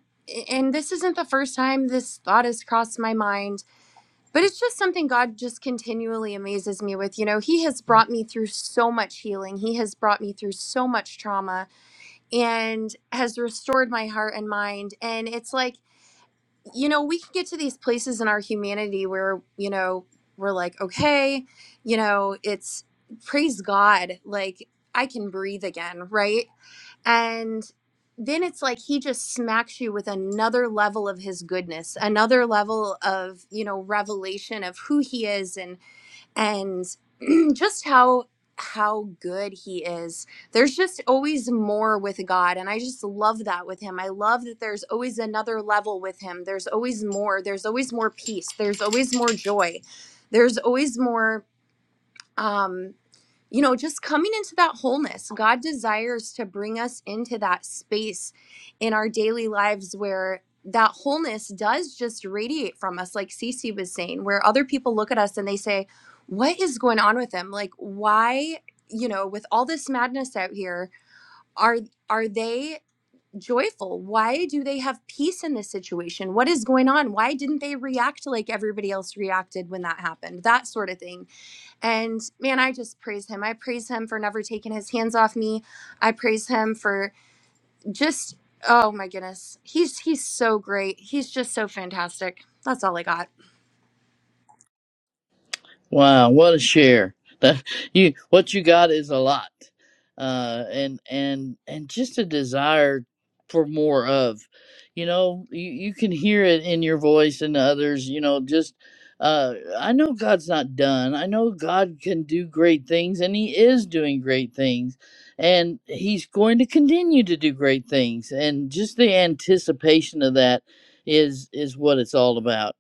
Speaker 6: and this isn't the first time this thought has crossed my mind, but it's just something God just continually amazes me with. You know, He has brought me through so much healing, He has brought me through so much trauma and has restored my heart and mind. And it's like, you know, we can get to these places in our humanity where, you know, we're like, okay, you know, it's praise God, like I can breathe again, right? And then it's like he just smacks you with another level of his goodness, another level of, you know, revelation of who he is and and just how how good he is there's just always more with god and i just love that with him i love that there's always another level with him there's always more there's always more peace there's always more joy there's always more um you know, just coming into that wholeness. God desires to bring us into that space in our daily lives where that wholeness does just radiate from us, like Cece was saying, where other people look at us and they say, What is going on with them? Like, why, you know, with all this madness out here, are are they joyful? Why do they have peace in this situation? What is going on? Why didn't they react like everybody else reacted when that happened? That sort of thing and man, I just praise him. I praise him for never taking his hands off me. I praise him for just oh my goodness. He's he's so great. He's just so fantastic. That's all I got.
Speaker 1: Wow, what a share! That you, what you got is a lot, uh, and and and just a desire for more of. You know, you, you can hear it in your voice and others. You know, just uh, I know God's not done. I know God can do great things, and He is doing great things, and He's going to continue to do great things. And just the anticipation of that is is what it's all about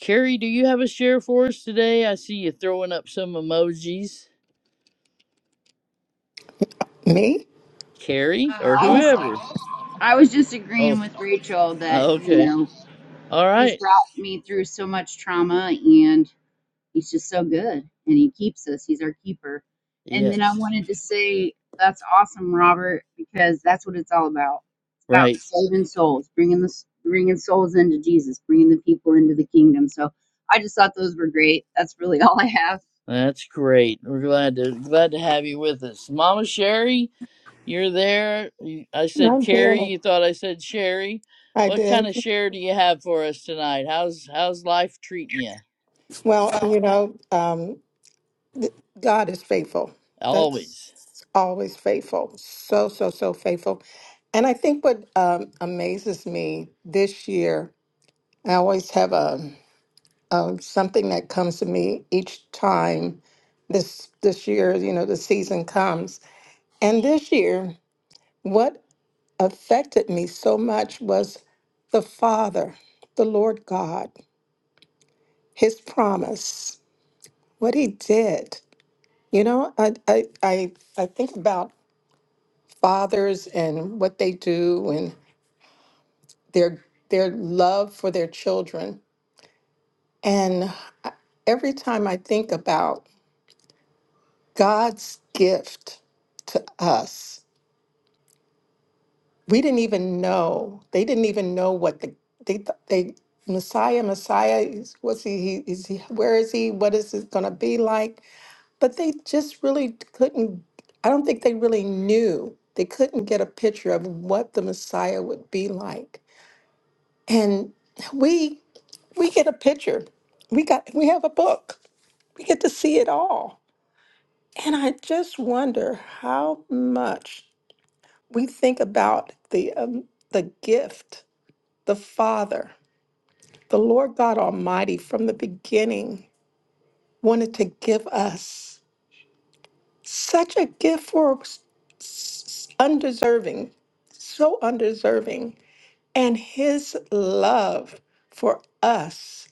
Speaker 1: Carrie, do you have a share for us today? I see you throwing up some emojis.
Speaker 7: Me?
Speaker 1: Carrie or
Speaker 8: I was
Speaker 1: whoever.
Speaker 8: I was just
Speaker 1: Oh,
Speaker 8: agreeing with Rachel that you
Speaker 1: okay.
Speaker 8: know
Speaker 1: All
Speaker 8: he's
Speaker 1: right.
Speaker 8: brought me through so much trauma and he's just so good and he keeps us. He's our keeper. And then I
Speaker 1: Yes.
Speaker 8: wanted to say that's awesome, Robert, because that's what it's all about. It's about
Speaker 1: Right.
Speaker 8: saving souls, bringing the bringing souls into Jesus, bringing the people into the kingdom. So I just thought those were great. That's really all I have.
Speaker 1: That's great. We're glad to glad to have you with us. Mama Sherry, you're there. You- I said
Speaker 7: I'm here.
Speaker 1: Carrie, you thought I said Sherry.
Speaker 7: I
Speaker 1: What kind
Speaker 7: did.
Speaker 1: of share do you have for us tonight? How's how's life treating you?
Speaker 7: Well, you know, um, th- God is faithful.
Speaker 1: Always.
Speaker 7: That's always faithful. So, so, so faithful. And I think what um, amazes me this year, I always have a, um something that comes to me each time this this year, you know, the season comes. And this year, what affected me so much was the Father, the Lord God, His promise. what he did. You know, I, I, I, I think about fathers and what they do and their their love for their children. And I- every time I think about God's gift to us, we didn't even know. They didn't even know what the they th- they Messiah Messiah is- what's he, he is he where is he what is it going to be like? But they just really couldn't, I don't think they really knew. They couldn't get a picture of what the Messiah would be like. And we we get a picture. We got we have a book. We get to see it all. And I just wonder how much we think about the um, the gift, the Father, the Lord God Almighty from the beginning wanted to give us. Such a gift for s- s- undeserving, so undeserving. And his love for us,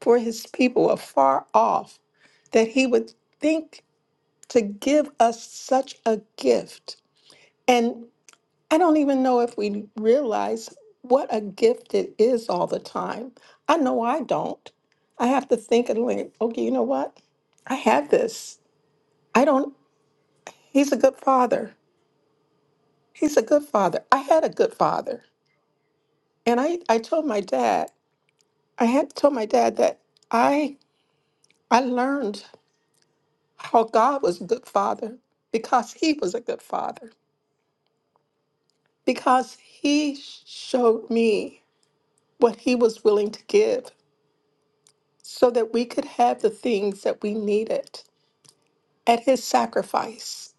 Speaker 7: for his people afar off, that he would think to give us such a gift. And I don't even know if we realize what a gift it is all the time. I know I don't. I have to think and like, okay, you know what? I have this. I don't, he's a good father. He's a good father. I had a good father. And I, I told my dad, I had to tell my dad that I I learned how God was a good father because he was a good father. Because he sh- showed me what he was willing to give so that we could have the things that we needed at his sacrifice.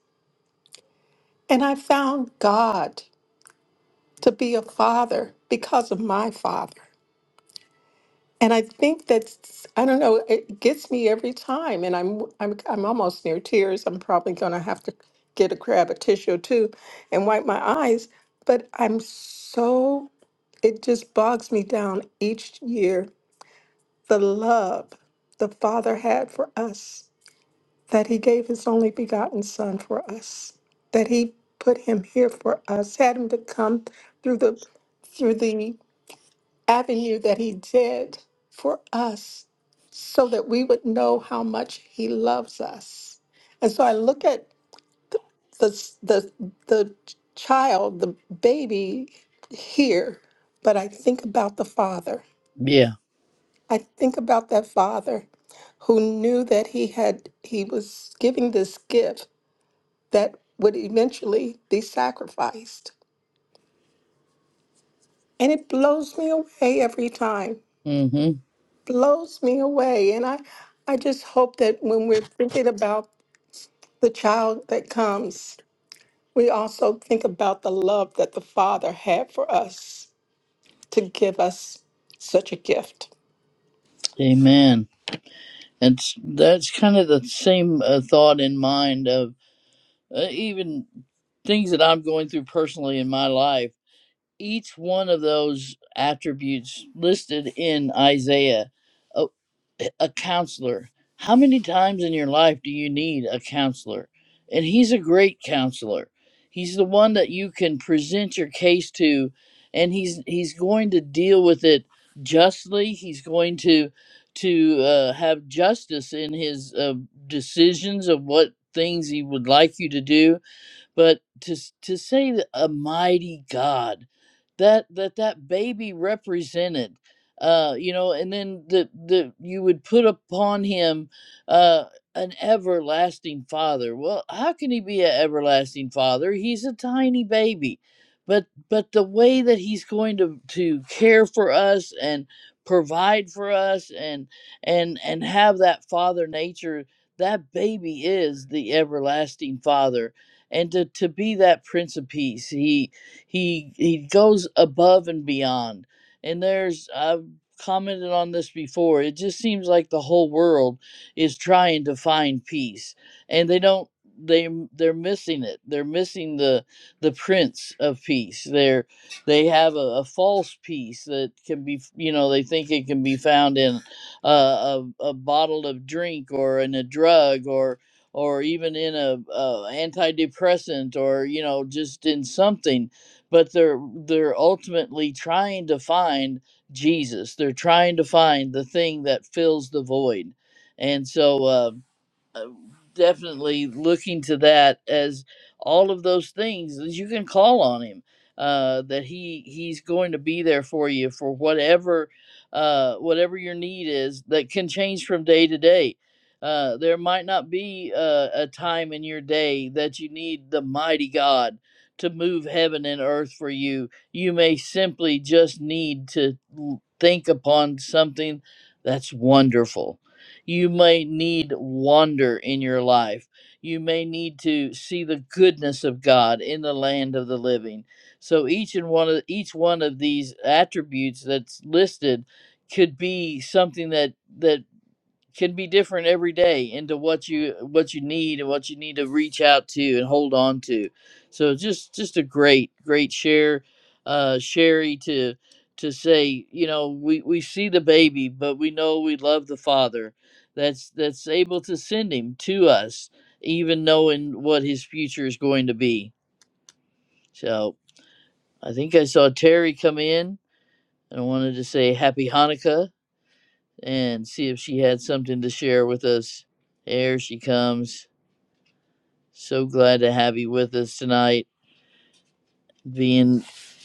Speaker 7: And I found God to be a father because of my father. And I think that's, I don't know, it gets me every time. And I'm, I'm, I'm almost near tears. I'm probably going to have to get a grab a tissue too and wipe my eyes. But I'm so, it just bogs me down each year. The love the Father had for us, that He gave His only begotten Son for us, that He put Him here for us, had Him to come through the, through the avenue that He did for us so that we would know how much He loves us. And so I look at the, s- the, the child, the baby here, but I think about the Father.
Speaker 1: Yeah.
Speaker 7: I think about that Father who knew that he had he was giving this gift that would eventually be sacrificed and it blows me away every time
Speaker 1: Mhm.
Speaker 7: blows me away. And I, I just hope that when we're thinking about the child that comes, we also think about the love that the Father had for us to give us such a gift.
Speaker 1: Amen. That's that's kind of the same uh, thought in mind of uh, even things that I'm going through personally in my life, each one of those attributes listed in Isaiah, a, a counselor. How many times in your life do you need a counselor? And he's a great counselor. He's the one that you can present your case to and he's he's going to deal with it justly. He's going to to uh, have justice in his uh, decisions of what things he would like you to do but to s- to say that a mighty God, that that that baby represented, uh, you know, and then the the you would put upon him uh, an everlasting father. Well, how can he be an everlasting father? He's a tiny baby, but but the way that he's going to to care for us and provide for us and and and have that father nature that baby is the everlasting father and to, to be that prince of peace he he he goes above and beyond and there's i've commented on this before it just seems like the whole world is trying to find peace and they don't they they're missing it they're missing the the prince of peace they're they have a, a false peace that can be you know they think it can be found in uh, a, a bottle of drink or in a drug or or even in a, a antidepressant or you know just in something but they're they're ultimately trying to find jesus they're trying to find the thing that fills the void and so uh, uh, definitely looking to that as all of those things that you can call on him uh, that he he's going to be there for you for whatever uh, whatever your need is that can change from day to day uh, there might not be a, a time in your day that you need the mighty god to move heaven and earth for you you may simply just need to l- think upon something that's wonderful you may need wonder in your life. You may need to see the goodness of God in the land of the living. So each and one of each one of these attributes that's listed could be something that that can be different every day into what you what you need and what you need to reach out to and hold on to so just just a great great share uh sherry to to say you know we we see the baby but we know we love the father that's that's able to send him to us even knowing what his future is going to be so i think i saw terry come in and i wanted to say happy hanukkah and see if she had something to share with us. Here she comes. So glad to have you with us tonight. Being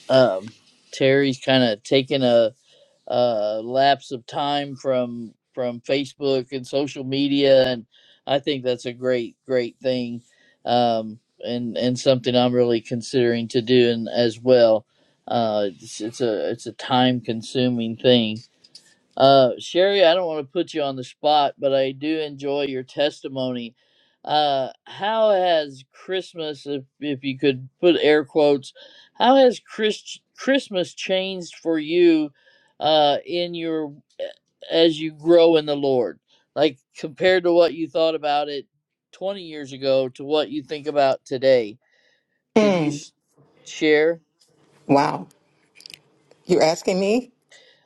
Speaker 1: um, Terry's kind of taking a, a lapse of time from from Facebook and social media, and I think that's a great great thing, um, and and something I'm really considering to do and as well. Uh, it's, it's a it's a time consuming thing Uh, Sherry, I don't want to put you on the spot, but I do enjoy your testimony. Uh, how has Christmas, if, if you could put air quotes, how has Chris, Christmas changed for you uh, in your as you grow in the Lord? Like compared to what you thought about it 20 years ago to what you think about today? Can you
Speaker 7: Mm.
Speaker 1: s- share?
Speaker 7: Wow. You're asking me?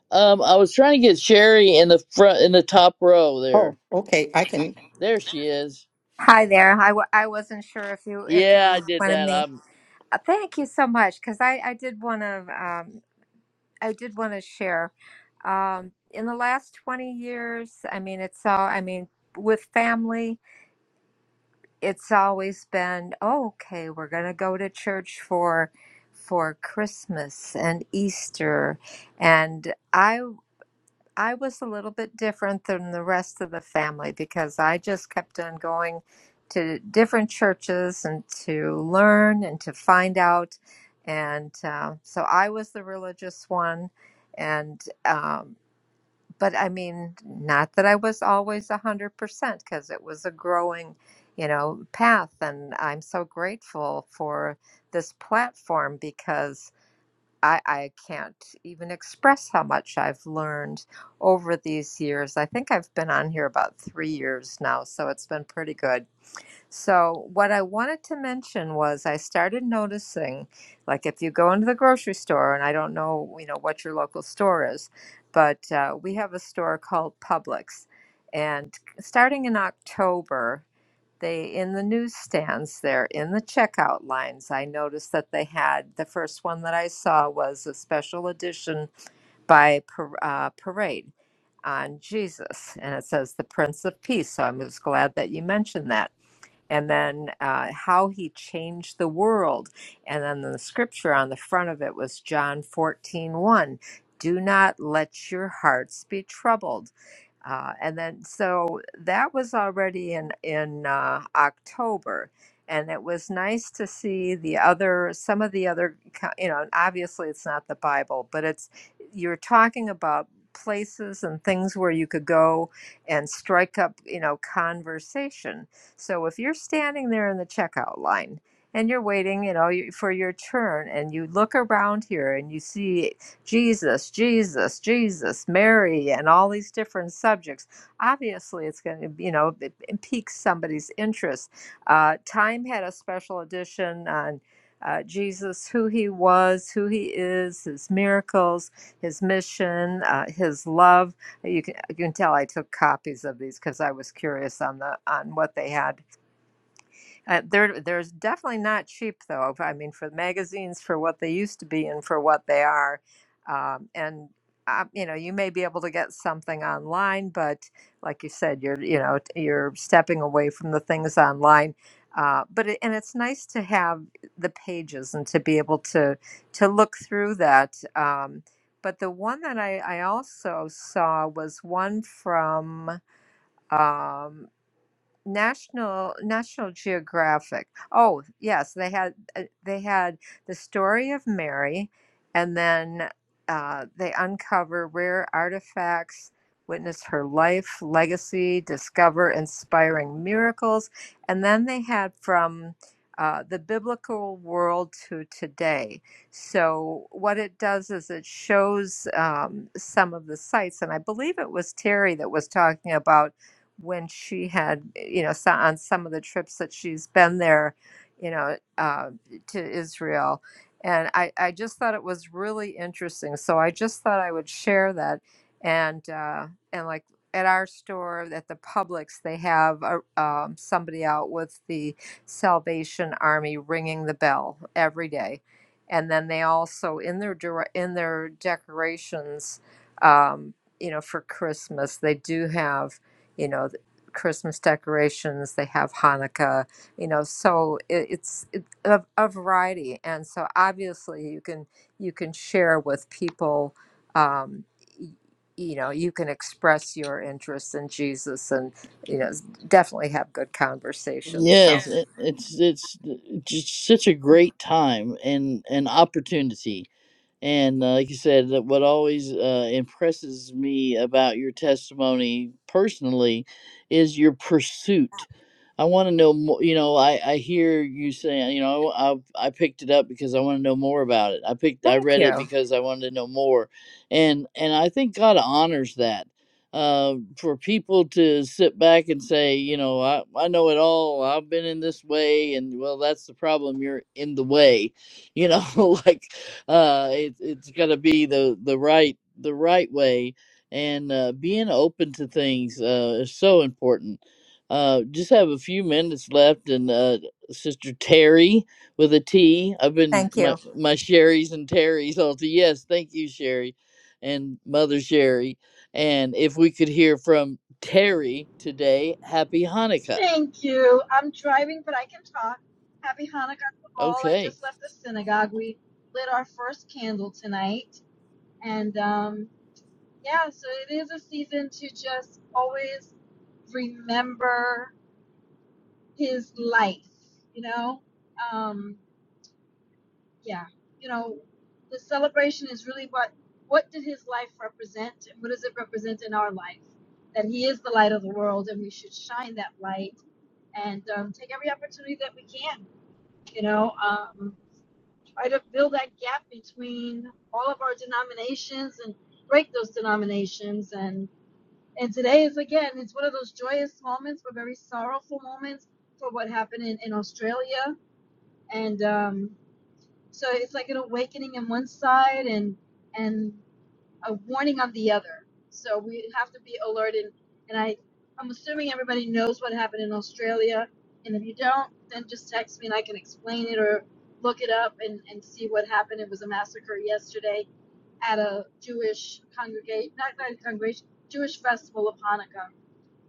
Speaker 1: Um, I was trying to get Sherry in the front in the top row there.
Speaker 7: Oh, okay. I can.
Speaker 1: There she is. Yeah, I
Speaker 9: to
Speaker 1: did that.
Speaker 9: me.
Speaker 1: I'm
Speaker 9: Uh, Oh dear. Um, in the last 20 years, I mean, it's all, I mean, with family, it's always been, oh, okay, we're going to go to church for for Christmas and Easter. And I I was a little bit different than the rest of the family because I just kept on going to different churches and to learn and to find out. And uh, so I was the religious one. And, um, but I mean, not that I was always 100% because it was a growing, you know, path. And I'm so grateful for this platform because I, I can't even express how much I've learned over these years. I think I've been on here about three years now, so it's been pretty good. So, what I wanted to mention was I started noticing, like, if you go into the grocery store, and I don't know, you know, what your local store is, but uh, we have a store called Publix. And starting in October, they in the newsstands there in the checkout lines i noticed that they had the first one that i saw was a special edition by par- uh, parade on jesus and it says the prince of peace so i was glad that you mentioned that and then uh, how he changed the world. And then the scripture on the front of it was John fourteen one, Do not let your hearts be troubled. Uh, and then, so that was already in, in uh, October. And it was nice to see the other, some of the other, co- you know, obviously it's not the Bible, but it's, you're talking about places and things where you could go and strike up, you know, conversation so if you're standing there in the checkout line and you're waiting, you know, for your turn and you look around here and you see Jesus, Jesus, Jesus, Mary and all these different subjects, obviously it's going to, you know, it, it piques somebody's interest. Uh, Time had a special edition on uh, Jesus, who he was, who he is, his miracles, his mission, uh, his love. You can, you can tell I took copies of these because I was curious on the on what they had uh, they're there's definitely not cheap though. I mean, for magazines, for what they used to be and for what they are, um, and uh, you know, you may be able to get something online, but like you said, you're you know t- you're stepping away from the things online. Uh, but it, and it's nice to have the pages and to be able to to look through that. Um, but the one that I, I also saw was one from um, National National Geographic. Oh, yes, they had uh, they had the story of Mary, and then uh, they uncover rare artifacts, witness her life, legacy, discover inspiring miracles, and then they had from uh, the biblical world to today. So what it does is it shows um, some of the sites, and I believe it was Terry that was talking about when she had, you know, so on some of the trips that she's been there, you know, uh, to Israel. And I, I just thought it was really interesting. So I just thought I would share that. And, uh, and like at our store, at the Publix, they have a, um, somebody out with the Salvation Army ringing the bell every day. And then they also, in their, dire- in their decorations, um, you know, for Christmas, they do have you know the christmas decorations they have hanukkah you know so it, it's it, a, a variety and so obviously you can you can share with people um, y- you know you can express your interest in jesus and you know definitely have good conversations so Sure.
Speaker 1: yes, it, it's it's just such a great time and an opportunity. And uh, like you said, that what always uh, impresses me about your testimony personally is your pursuit I want to know more. You know, I I hear you saying, you know, I I picked it up because I want to know more about it. I picked, I
Speaker 9: thank
Speaker 1: read it
Speaker 9: you
Speaker 1: because I wanted to know more, and and I think God honors that. Uh, for people to sit back and say, you know, I I know it all. I've been in this way, and well, that's the problem. You're in the way, you know. like, uh, it, it's got to be the the right the right way, and uh, being open to things uh, is so important uh, just have a few minutes left, and uh, Sister Terry with a T. I've been
Speaker 9: thank you
Speaker 1: my my Sherry's and Terry's all to yes, thank you, Sherry, and Mother Sherry. And if we could hear from Terry today, Happy Hanukkah.
Speaker 10: Thank you. I'm driving, but I can talk. Happy Hanukkah to all. I
Speaker 1: Okay,
Speaker 10: just left the synagogue. We lit our first candle tonight. And um, yeah, so it is a season to just always remember his life, you know? Um, yeah, you know, the celebration is really what what did his life represent and what does it represent in our life? That he is the light of the world and we should shine that light and um, take every opportunity that we can you know, um, try to fill that gap between all of our denominations and break those denominations. And and today is again, it's one of those joyous moments, but very sorrowful moments for what happened in, in Australia. And um, so it's like an awakening on one side, and and a warning on the other. So we have to be alert. And, and I, I'm assuming everybody knows what happened in Australia. And if you don't, then just text me and I can explain it or look it up and, and see what happened. It was a massacre yesterday at a Jewish congregation, not, not a congregation, Jewish festival of Hanukkah.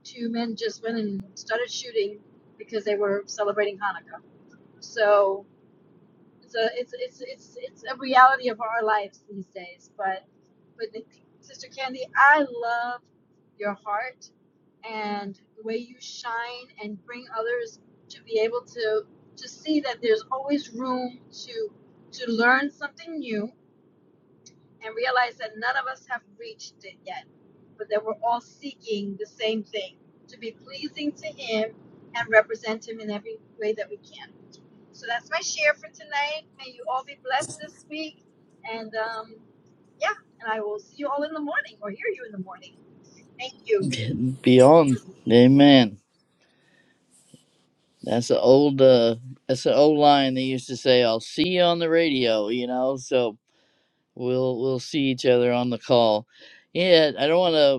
Speaker 10: Two men just went and started shooting because they were celebrating Hanukkah. So so it's it's it's it's a reality of our lives these days. But but the- Sister Candy, I love your heart and the way you shine and bring others to be able to to see that there's always room to to learn something new and realize that none of us have reached it yet, but that we're all seeking the same thing to be pleasing to Him and represent Him in every way that we can. So that's my share for tonight. May you all be blessed this week. And um, yeah, and I will see you all in the morning or hear you in the morning. Thank you.
Speaker 1: beyond, Amen. That's an old uh, that's an old line they used to say. I'll see you on the radio, you know. So we'll we'll see each other on the call. Yeah, I don't want to.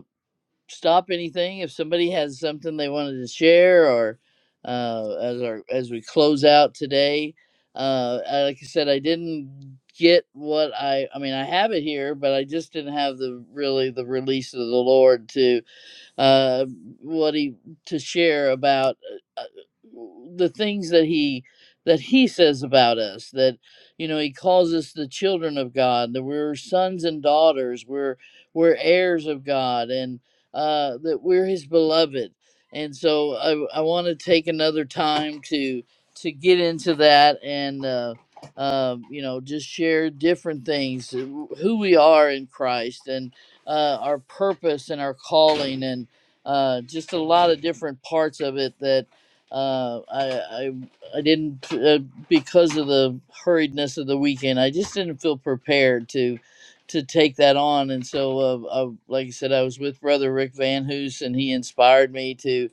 Speaker 1: stop anything if somebody has something they wanted to share or uh, as our as we close out today uh, I- like i said i didn't get what i i mean i have it here but i just didn't have the really the release of the lord to uh, what he to share about uh, uh, the things that he that he says about us that you know he calls us the children of god that we're sons and daughters we're we're heirs of god and uh, that we're his beloved and so i, I want to take another time to to get into that and uh, um, you know just share different things uh, who we are in christ and uh, our purpose and our calling and uh, just a lot of different parts of it that uh, I, I I didn't uh, because of the hurriedness of the weekend. I just didn't feel prepared to to take that on, and so uh, I, like I said, I was with Brother Rick Van Hoos, and he inspired me to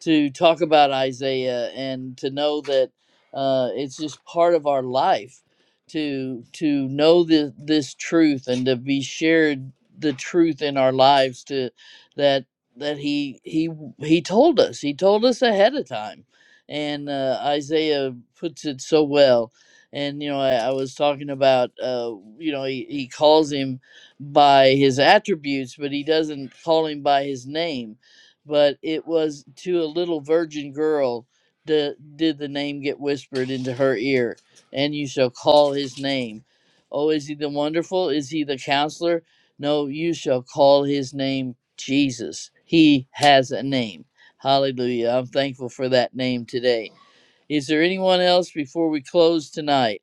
Speaker 1: to talk about Isaiah and to know that uh, it's just part of our life to to know the, this truth and to be shared the truth in our lives to that that he he he told us he told us ahead of time and uh, Isaiah puts it so well and you know I, I was talking about uh, you know he, he calls him by his attributes but he doesn't call him by his name but it was to a little virgin girl the, did the name get whispered into her ear and you shall call his name oh is he the wonderful is he the counselor no you shall call his name jesus he has a name hallelujah i'm thankful for that name today is there anyone else before we close tonight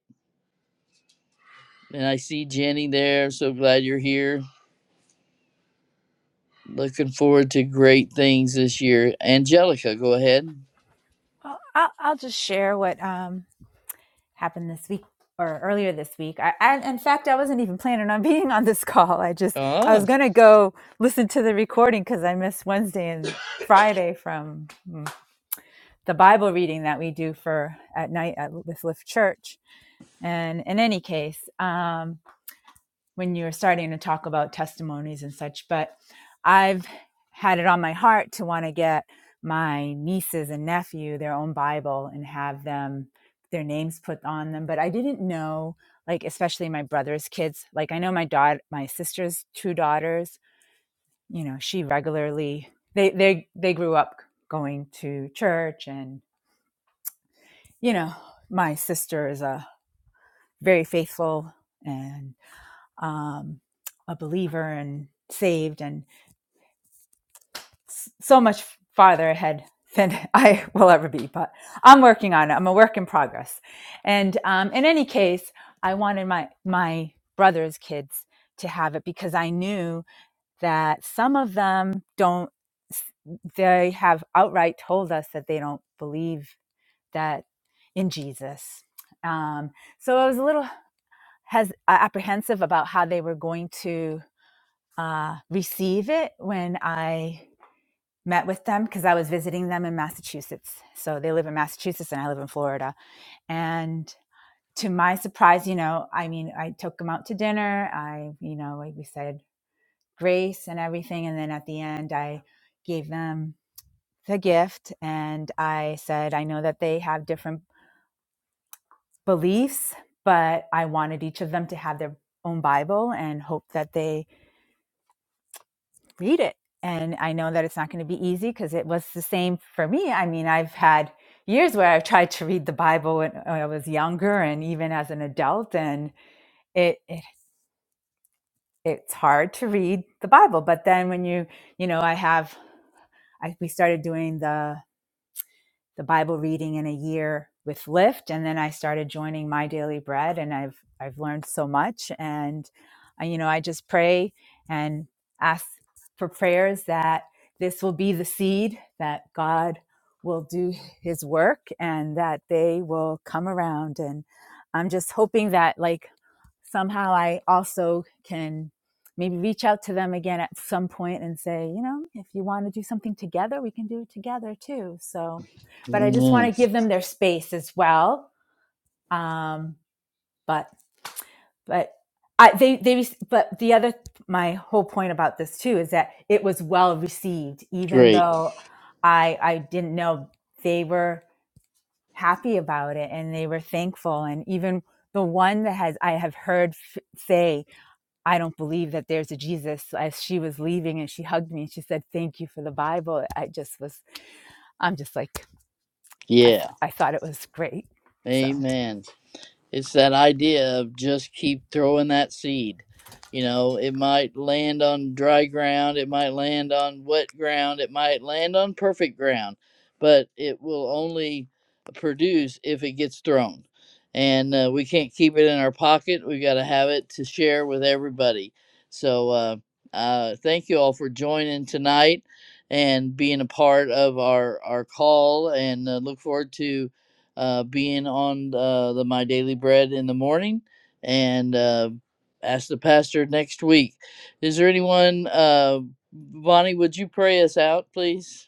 Speaker 1: and i see jenny there so glad you're here looking forward to great things this year angelica go ahead
Speaker 11: I'll, I'll I'll just share what um, happened this week or earlier this week. I, I, in fact, I wasn't even planning on being on this call. I just, I was going to go listen to the recording because I missed Wednesday and Friday from mm, the Bible reading that we do for at night at, with Lift Church. And in any case, um, when you were starting to talk about testimonies and such, but I've had it on my heart to want to get my nieces and nephew their own Bible and have them their names put on them. But I didn't know, like especially my brother's kids. Like I know my daughter, my sister's two daughters. You know, she regularly they they they grew up going to church, and you know, my sister is a very faithful and um, a believer and saved, and. so much farther ahead than I will ever be, but I'm working on it. I'm a work in progress. And um, in any case, I wanted my my brother's kids to have it because I knew that some of them don't. They have outright told us that they don't believe that in Jesus. Um, so I was a little has apprehensive about how they were going to uh, receive it when I met with them because I was visiting them in Massachusetts. So they live in Massachusetts and I live in Florida. And to my surprise, you know, I mean, I took them out to dinner. I, you know, like we said, grace and everything. And then at the end, I gave them the gift and I said, I know that they have different beliefs, but I wanted each of them to have their own Bible and hope that they read it. And I know that it's not going to be easy because it was the same for me. I mean, I've had years where I've tried to read the Bible when, I was younger and even as an adult, and it, it it's hard to read the Bible. But then when you you know, I have I, we started doing the the Bible reading in a year with Lyft, and then I started joining My Daily Bread, and I've I've learned so much, and uh, you know I just pray and ask for prayers that this will be the seed that God will do His work, and that they will come around, and I'm just hoping that like somehow I also can maybe reach out to them again at some point and say, you know, if you want to do something together, we can do it together too. So, but I just want
Speaker 1: Amen.
Speaker 11: to give them their space as well. Um, but, but I, they, they, but the other, my whole point about this too is that it was well received, even
Speaker 1: Great.
Speaker 11: though I, I didn't know they were happy about it and they were thankful. And even the one that has, I have heard f- say I don't believe that there's a Jesus. As she was leaving and she hugged me and she said, Thank you for the Bible. I just was, I'm just like, I,
Speaker 1: Yeah.
Speaker 11: th- I thought it was great. So.
Speaker 1: Amen. it's that idea of just keep throwing that seed. You know, it might land on dry ground, it might land on wet ground, it might land on perfect ground, but it will only produce if it gets thrown. And uh, we can't keep it in our pocket. We got to have it to share with everybody. So, uh, uh, thank you all for joining tonight and being a part of our, our call. And uh, look forward to uh, being on uh, the My Daily Bread in the morning and uh, ask the pastor next week. Is there anyone, uh, Bonnie, would you pray us out, please?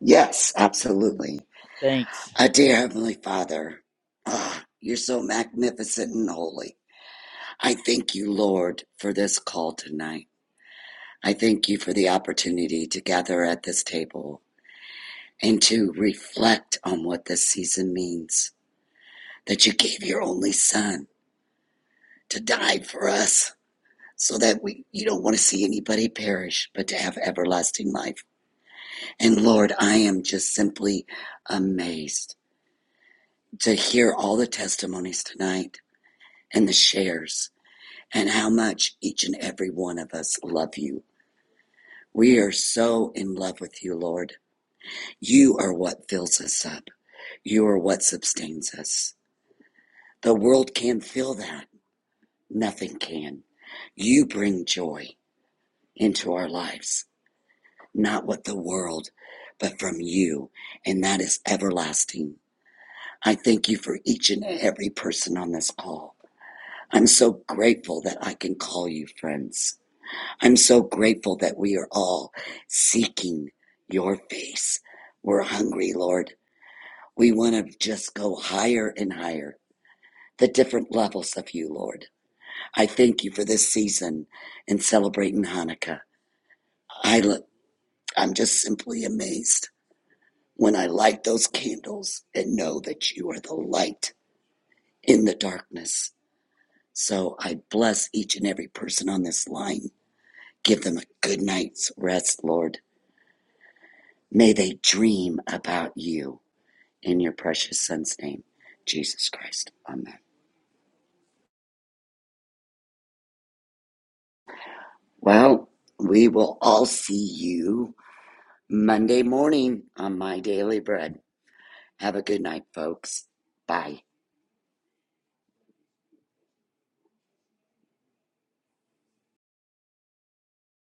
Speaker 3: yes, absolutely.
Speaker 1: Thanks.
Speaker 3: Our dear Heavenly Father, ah, you're so magnificent and holy. I thank you, Lord, for this call tonight. I thank you for the opportunity to gather at this table and to reflect on what this season means. That you gave your only Son to die for us so that we, you don't want to see anybody perish, but to have everlasting life. And Lord, I am just simply amazed to hear all the testimonies tonight and the shares. and how much each and every one of us love you. We are so in love with you, Lord. You are what fills us up. You are what sustains us. The world can't feel that. Nothing can. You bring joy into our lives, not what the world, but from you. And that is everlasting. I thank you for each and every person on this call. I'm so grateful that I can call you friends. I'm so grateful that we are all seeking your face. We're hungry, Lord. We want to just go higher and higher, the different levels of you, Lord. I thank you for this season and celebrating Hanukkah. I look, I'm just simply amazed when I light those candles and know that you are the light in the darkness. So I bless each and every person on this line. Give them a good night's rest, Lord. May they dream about you. In your precious Son's name, Jesus Christ. Amen. Well, we will all see you Monday morning on My Daily Bread. Have a good night, folks. Bye.